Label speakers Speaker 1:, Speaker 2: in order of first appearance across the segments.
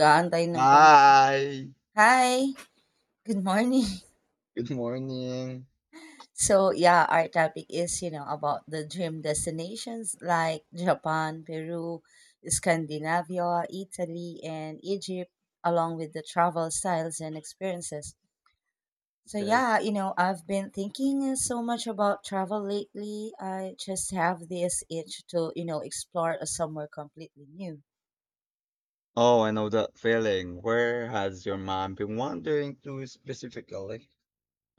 Speaker 1: Kaantay ng konse.
Speaker 2: Hi.
Speaker 1: Hi, good morning.
Speaker 2: Good morning.
Speaker 1: So, yeah, our topic is, about the dream destinations like Japan, Peru, Scandinavia, Italy, and Egypt, along with the travel styles and experiences. So,
Speaker 2: Okay.
Speaker 1: yeah, I've been thinking so much about travel lately. I just have this itch to, explore somewhere completely new.
Speaker 2: Oh, I know that feeling. Where has your mind been wandering to specifically?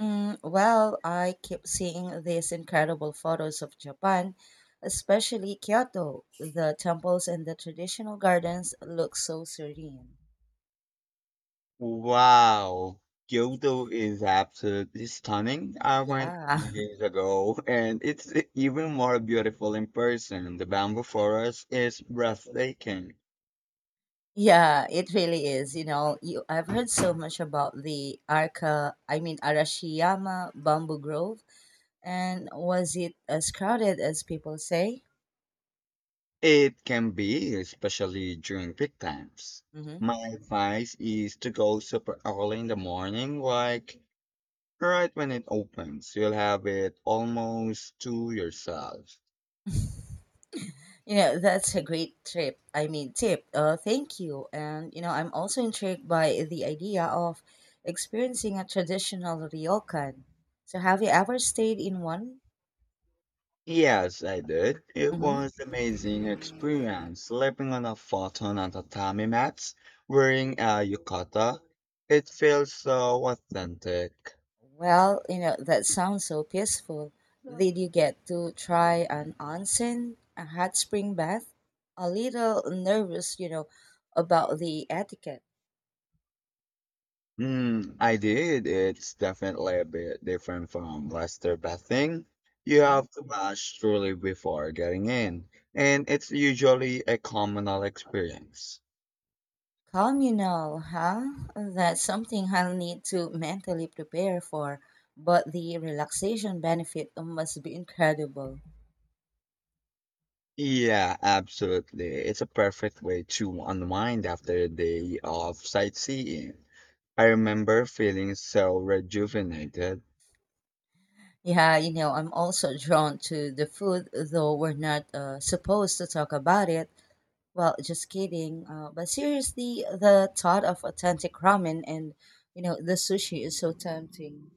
Speaker 1: Well, I keep seeing these incredible photos of Japan, especially Kyoto. The temples and the traditional gardens look so serene.
Speaker 2: Wow. Kyoto is absolutely stunning. I went
Speaker 1: Yeah.
Speaker 2: years ago, and it's even more beautiful in person. The bamboo forest is breathtaking.
Speaker 1: Yeah, it really is. I've heard so much about the Arca, I mean Arashiyama Bamboo Grove, and was it as crowded as people say?
Speaker 2: It can be, especially during peak times.
Speaker 1: Hmm.
Speaker 2: My advice is to go super early in the morning, like right when it opens. You'll have it almost to yourself.
Speaker 1: That's a great tip. Thank you. And, I'm also intrigued by the idea of experiencing a traditional ryokan. So, have you ever stayed in one?
Speaker 2: Yes, I did. It was
Speaker 1: Hmm.
Speaker 2: amazing experience sleeping on a futon on tatami mats, wearing a yukata. It feels so authentic.
Speaker 1: Well, that sounds so peaceful. Did you get to try an onsen, a hot spring bath? A little nervous, about the etiquette.
Speaker 2: Mm, I did. It's definitely a bit different from Western bathing. You
Speaker 1: Mm-hmm.
Speaker 2: have to wash truly before getting in, and it's usually a communal experience.
Speaker 1: Communal, huh? That's something I'll need to mentally prepare for, but the relaxation benefit must be incredible.
Speaker 2: Yeah, absolutely. It's a perfect way to unwind after a day of sightseeing. I remember feeling so rejuvenated.
Speaker 1: Yeah, I'm also drawn to the food, though we're not supposed to talk about it. Well, just kidding. But seriously, the thought of authentic ramen and, the sushi is so tempting.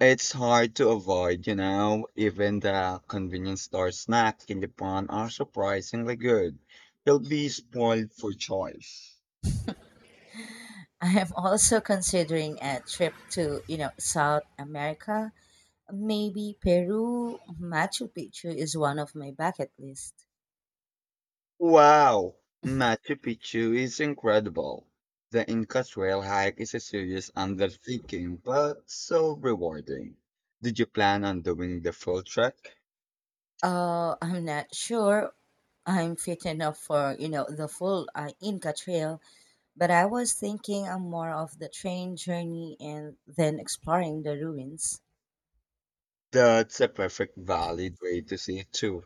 Speaker 2: It's hard to avoid, you know, even the convenience store snacks in Japan are surprisingly good. You'll be spoiled for choice.
Speaker 1: I am also considering a trip to, South America. Maybe Peru Machu Picchu is one of my bucket list.
Speaker 2: Wow, Machu Picchu is incredible. The Inca Trail hike is a serious undertaking, but so rewarding. Did you plan on doing the full trek?
Speaker 1: I'm not sure I'm fit enough for, the full Inca Trail, but I was thinking more of the train journey and then exploring the ruins.
Speaker 2: That's a perfect valid way to see it too.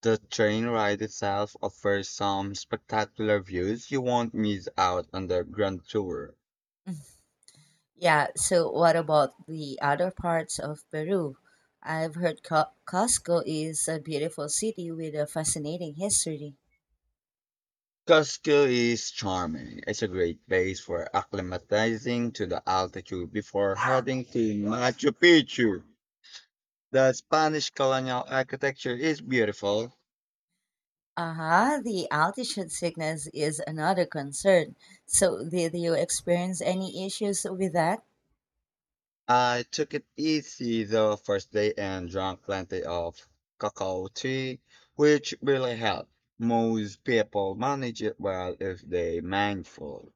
Speaker 2: The train ride itself offers some spectacular views. You won't miss out on the grand tour.
Speaker 1: Yeah, so what about the other parts of Peru? I've heard Cusco is a beautiful city with a fascinating history.
Speaker 2: Cusco is charming. It's a great place for acclimatizing to the altitude before heading to Machu Picchu. The Spanish colonial architecture is beautiful.
Speaker 1: Uh-huh, the altitude sickness is another concern. So, did you experience any issues with that?
Speaker 2: I took it easy the first day and drank plenty of cacao tea, which really helped. Most people manage it well if they mindful.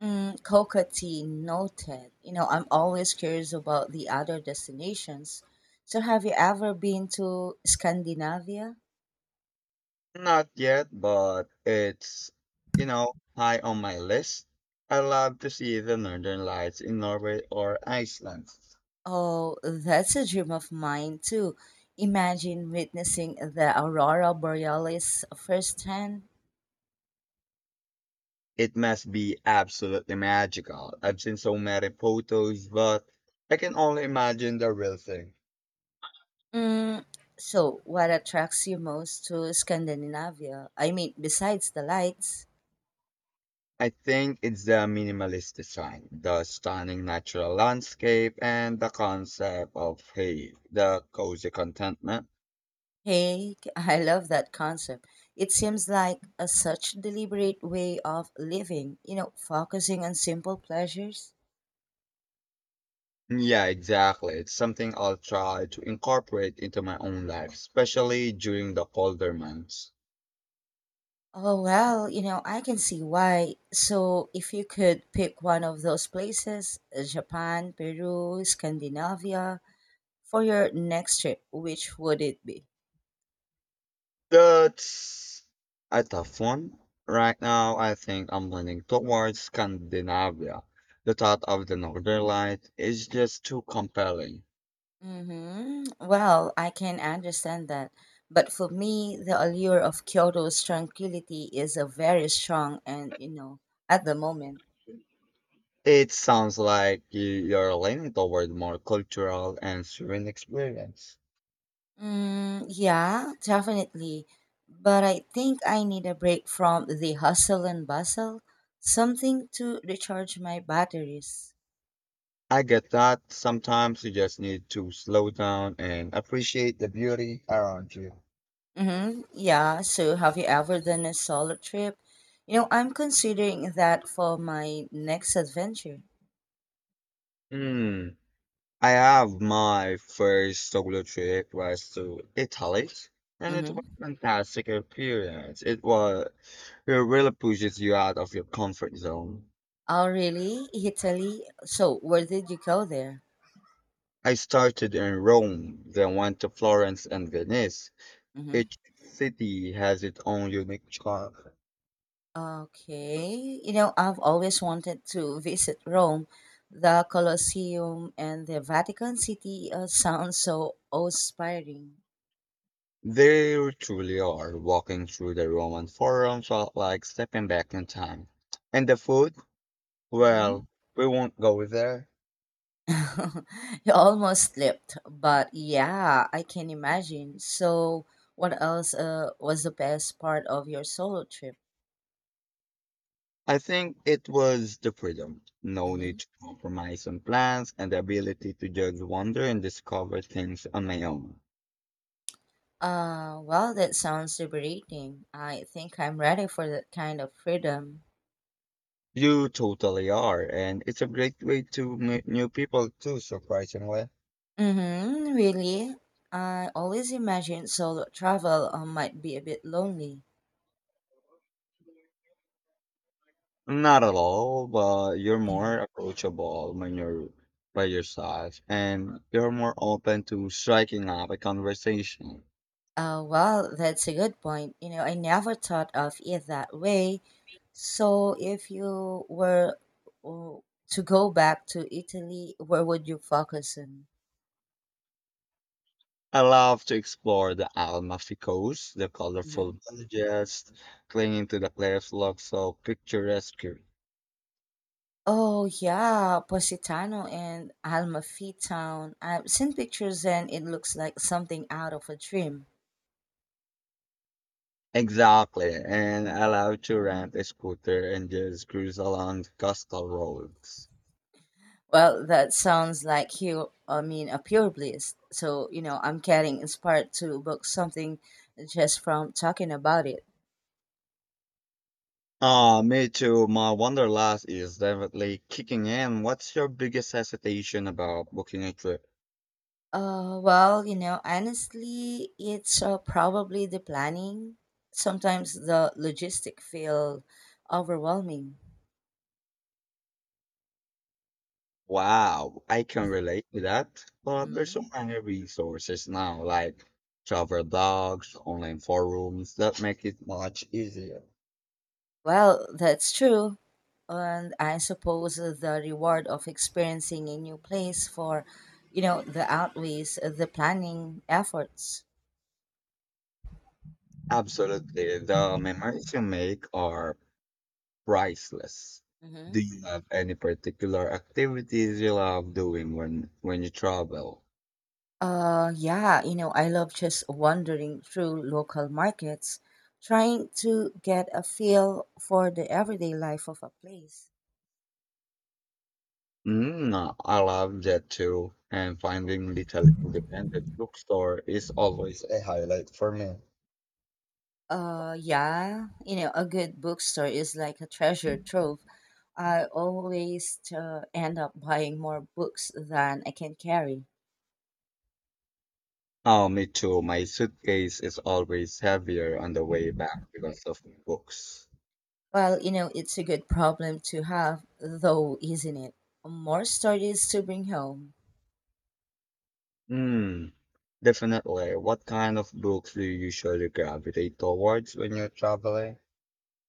Speaker 1: Kokati noted. I'm always curious about the other destinations. So, have you ever been to Scandinavia?
Speaker 2: Not yet, but it's, you know, high on my list. I love to see the northern lights in Norway or Iceland.
Speaker 1: Oh, that's a dream of mine too. Imagine witnessing the aurora borealis firsthand.
Speaker 2: It must be absolutely magical. I've seen so many photos, but I can only imagine the real thing.
Speaker 1: Mm, so, what attracts you most to Scandinavia? I mean, besides the lights.
Speaker 2: I think it's the minimalist design, the stunning natural landscape, and the concept of, hey, the cozy contentment.
Speaker 1: Hey, I love that concept. It seems like a such deliberate way of living, focusing on simple pleasures.
Speaker 2: Yeah, exactly. It's something I'll try to incorporate into my own life, especially during the colder months.
Speaker 1: Oh, well, I can see why. So, if you could pick one of those places, Japan, Peru, Scandinavia, for your next trip, which would it be?
Speaker 2: That's a tough one. Right now, I think I'm leaning towards Scandinavia. The thought of the Northern Light is just too compelling.
Speaker 1: Mm-hmm. Well, I can understand that. But for me, the allure of Kyoto's tranquility is a very strong and, at the moment.
Speaker 2: It sounds like you're leaning toward more cultural and serene experience.
Speaker 1: Mm, yeah, definitely. But I think I need a break from the hustle and bustle, something to recharge my batteries.
Speaker 2: I get that. Sometimes you just need to slow down and appreciate the beauty around you.
Speaker 1: Mm-hmm. Yeah, so have you ever done a solo trip? I'm considering that for my next adventure.
Speaker 2: Hmm. I have my first solo trip was to Italy, and it was
Speaker 1: Mm-hmm.
Speaker 2: a fantastic experience. It was it really pushes you out of your comfort zone.
Speaker 1: Oh, really? Italy? So, where did you go there?
Speaker 2: I started in Rome, then went to Florence and Venice.
Speaker 1: Mm-hmm.
Speaker 2: Each city has its own unique charm.
Speaker 1: Okay, I've always wanted to visit Rome. The Colosseum and the Vatican City sound so awe-inspiring.
Speaker 2: They truly are. Walking through the Roman Forum felt like stepping back in time. And the food?
Speaker 1: Mhm.
Speaker 2: Well, we won't go there.
Speaker 1: You almost slipped, but yeah, I can imagine. So, what else was the best part of your solo trip?
Speaker 2: I think it was the freedom, no
Speaker 1: Hmm.
Speaker 2: need to compromise on plans, and the ability to just wander and discover things on my own.
Speaker 1: Well, that sounds liberating. I think I'm ready for that kind of freedom.
Speaker 2: You totally are, and it's a great way to meet new people too, surprisingly.
Speaker 1: Mm-hmm, really? I always imagined solo travel might be a bit lonely.
Speaker 2: Not at all, but you're more approachable when you're by yourself, and you're more open to striking up a conversation.
Speaker 1: Well, that's a good point. I never thought of it that way. So, if you were uh, to go back to Italy, where would you focus on?
Speaker 2: I love to explore the Amalfi Coast. The
Speaker 1: Mm-hmm.
Speaker 2: colorful villages clinging to the cliffs look so picturesque.
Speaker 1: Oh, yeah, Positano and Amalfi Town. I've seen pictures and it looks like something out of a dream.
Speaker 2: Exactly, and I love to rent a scooter and just cruise along the coastal roads.
Speaker 1: Well, that sounds like a pure bliss. So, I'm getting inspired to book something just from talking about it.
Speaker 2: Ah, me too. My wanderlust is definitely kicking in. What's your biggest hesitation about booking a trip?
Speaker 1: Well, honestly, it's probably the planning. Sometimes the logistic feel overwhelming.
Speaker 2: Wow, I can relate to that. But there's so
Speaker 1: Hmm.
Speaker 2: many resources now, like travel blogs, online forums that make it much easier.
Speaker 1: Well, that's true. And I suppose the reward of experiencing a new place for, the outweighs the planning efforts.
Speaker 2: Absolutely, the memories you make are priceless. Do
Speaker 1: Hmm.
Speaker 2: you have any particular activities you love doing when you travel?
Speaker 1: Yeah, I love just wandering through local markets, trying to get a feel for the everyday life of a place.
Speaker 2: Mm, I love that too, and finding little independent bookstore is always a highlight for me.
Speaker 1: Yeah, a good bookstore is like a treasure trove. I always end up buying more books than I can carry.
Speaker 2: Oh, me too. My suitcase is always heavier on the way back because of books.
Speaker 1: Well, it's a good problem to have, though, isn't it? More stories to bring home.
Speaker 2: Hmm, definitely. What kind of books do you usually gravitate towards when you're traveling?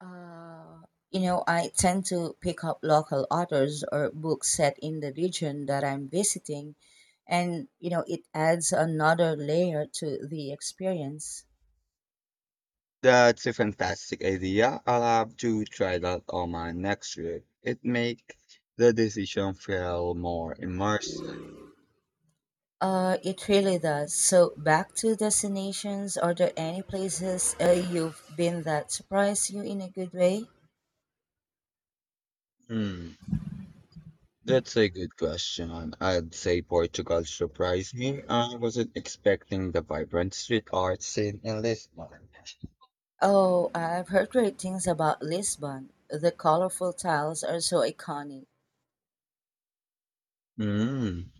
Speaker 1: Uh, I tend to pick up local authors or books set in the region that I'm visiting, and it adds another layer to the experience.
Speaker 2: That's a fantastic idea. I'll have to try that on my next trip. It makes the decision feel more immersive.
Speaker 1: It really does. So, back to destinations. Are there any places you've been that surprised you in a good way?
Speaker 2: Hmm, that's a good question. I'd say Portugal surprised me. I wasn't expecting the vibrant street art scene in Lisbon.
Speaker 1: Oh, I've heard great things about Lisbon. The colorful tiles are so iconic.
Speaker 2: Mm,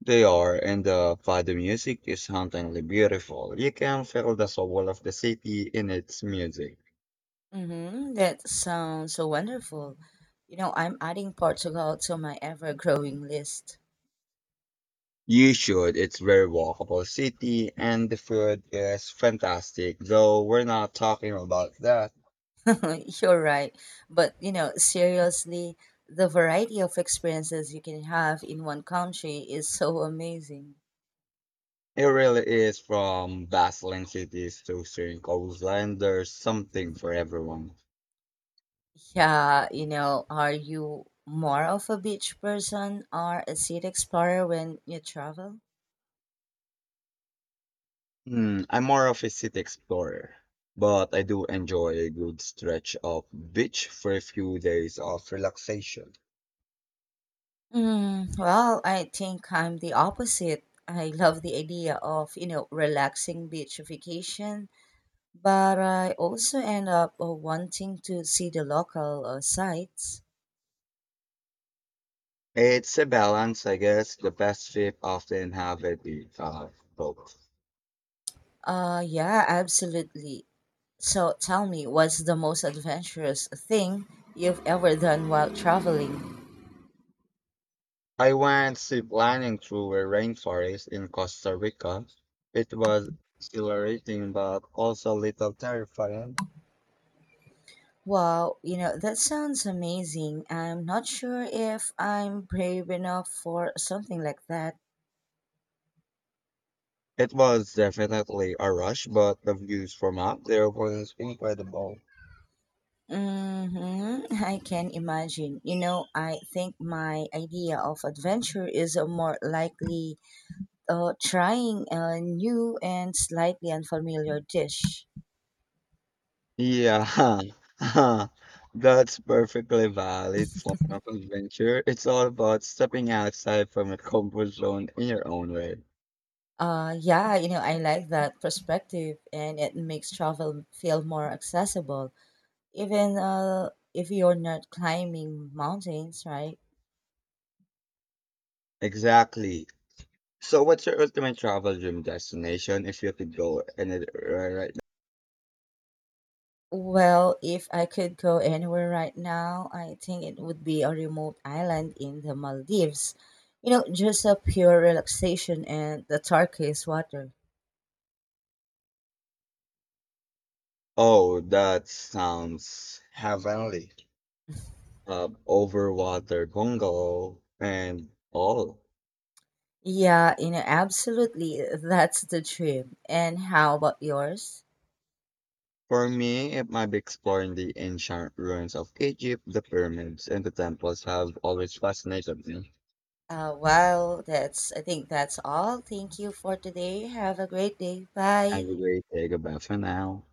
Speaker 2: they are, and the fado music is hauntingly beautiful. You can feel the soul of the city in its music.
Speaker 1: Mm-hmm. That sounds so wonderful. I'm adding Portugal to my ever-growing list.
Speaker 2: You should. It's very walkable city, and the food is fantastic. Though we're not talking about that.
Speaker 1: You're right. But, seriously, the variety of experiences you can have in one country is so amazing.
Speaker 2: It really is. From bustling cities to serene coastline, there's something for everyone.
Speaker 1: Yeah, are you more of a beach person or a city explorer when you travel?
Speaker 2: Hmm, I'm more of a city explorer, but I do enjoy a good stretch of beach for a few days of relaxation.
Speaker 1: Well, I think I'm the opposite. I love the idea of, relaxing beach vacation but I also end up wanting to see the local sites.
Speaker 2: It's a balance, I guess. The best trip often have a bit of both.
Speaker 1: Yeah, absolutely. So tell me, what's the most adventurous thing you've ever done while traveling?
Speaker 2: I went ziplining through a rainforest in Costa Rica. It was exhilarating, but also a little terrifying.
Speaker 1: Wow, that sounds amazing. I'm not sure if I'm brave enough for something like that.
Speaker 2: It was definitely a rush, but the views from up there was incredible.
Speaker 1: Mm-hmm. I can imagine. I think my idea of adventure is more likely trying a new and slightly unfamiliar dish.
Speaker 2: Yeah, that's perfectly valid form of adventure. It's all about stepping outside from your comfort zone in your own way.
Speaker 1: Yeah, I like that perspective, and it makes travel feel more accessible, even if you're not climbing mountains, right?
Speaker 2: Exactly. So, what's your ultimate travel dream destination if you could go anywhere right now?
Speaker 1: Well, if I could go anywhere right now, I think it would be a remote island in the Maldives. Just a pure relaxation and the turquoise water.
Speaker 2: Oh, that sounds heavenly. Over water, Congo, and all.
Speaker 1: Yeah, absolutely. That's the dream. And how about yours?
Speaker 2: For me, it might be exploring the ancient ruins of Egypt, the pyramids, and the temples have always fascinated me.
Speaker 1: Well, I think that's all. Thank you for today. Have a great day.
Speaker 2: I
Speaker 1: Bye.
Speaker 2: will take a bath for now.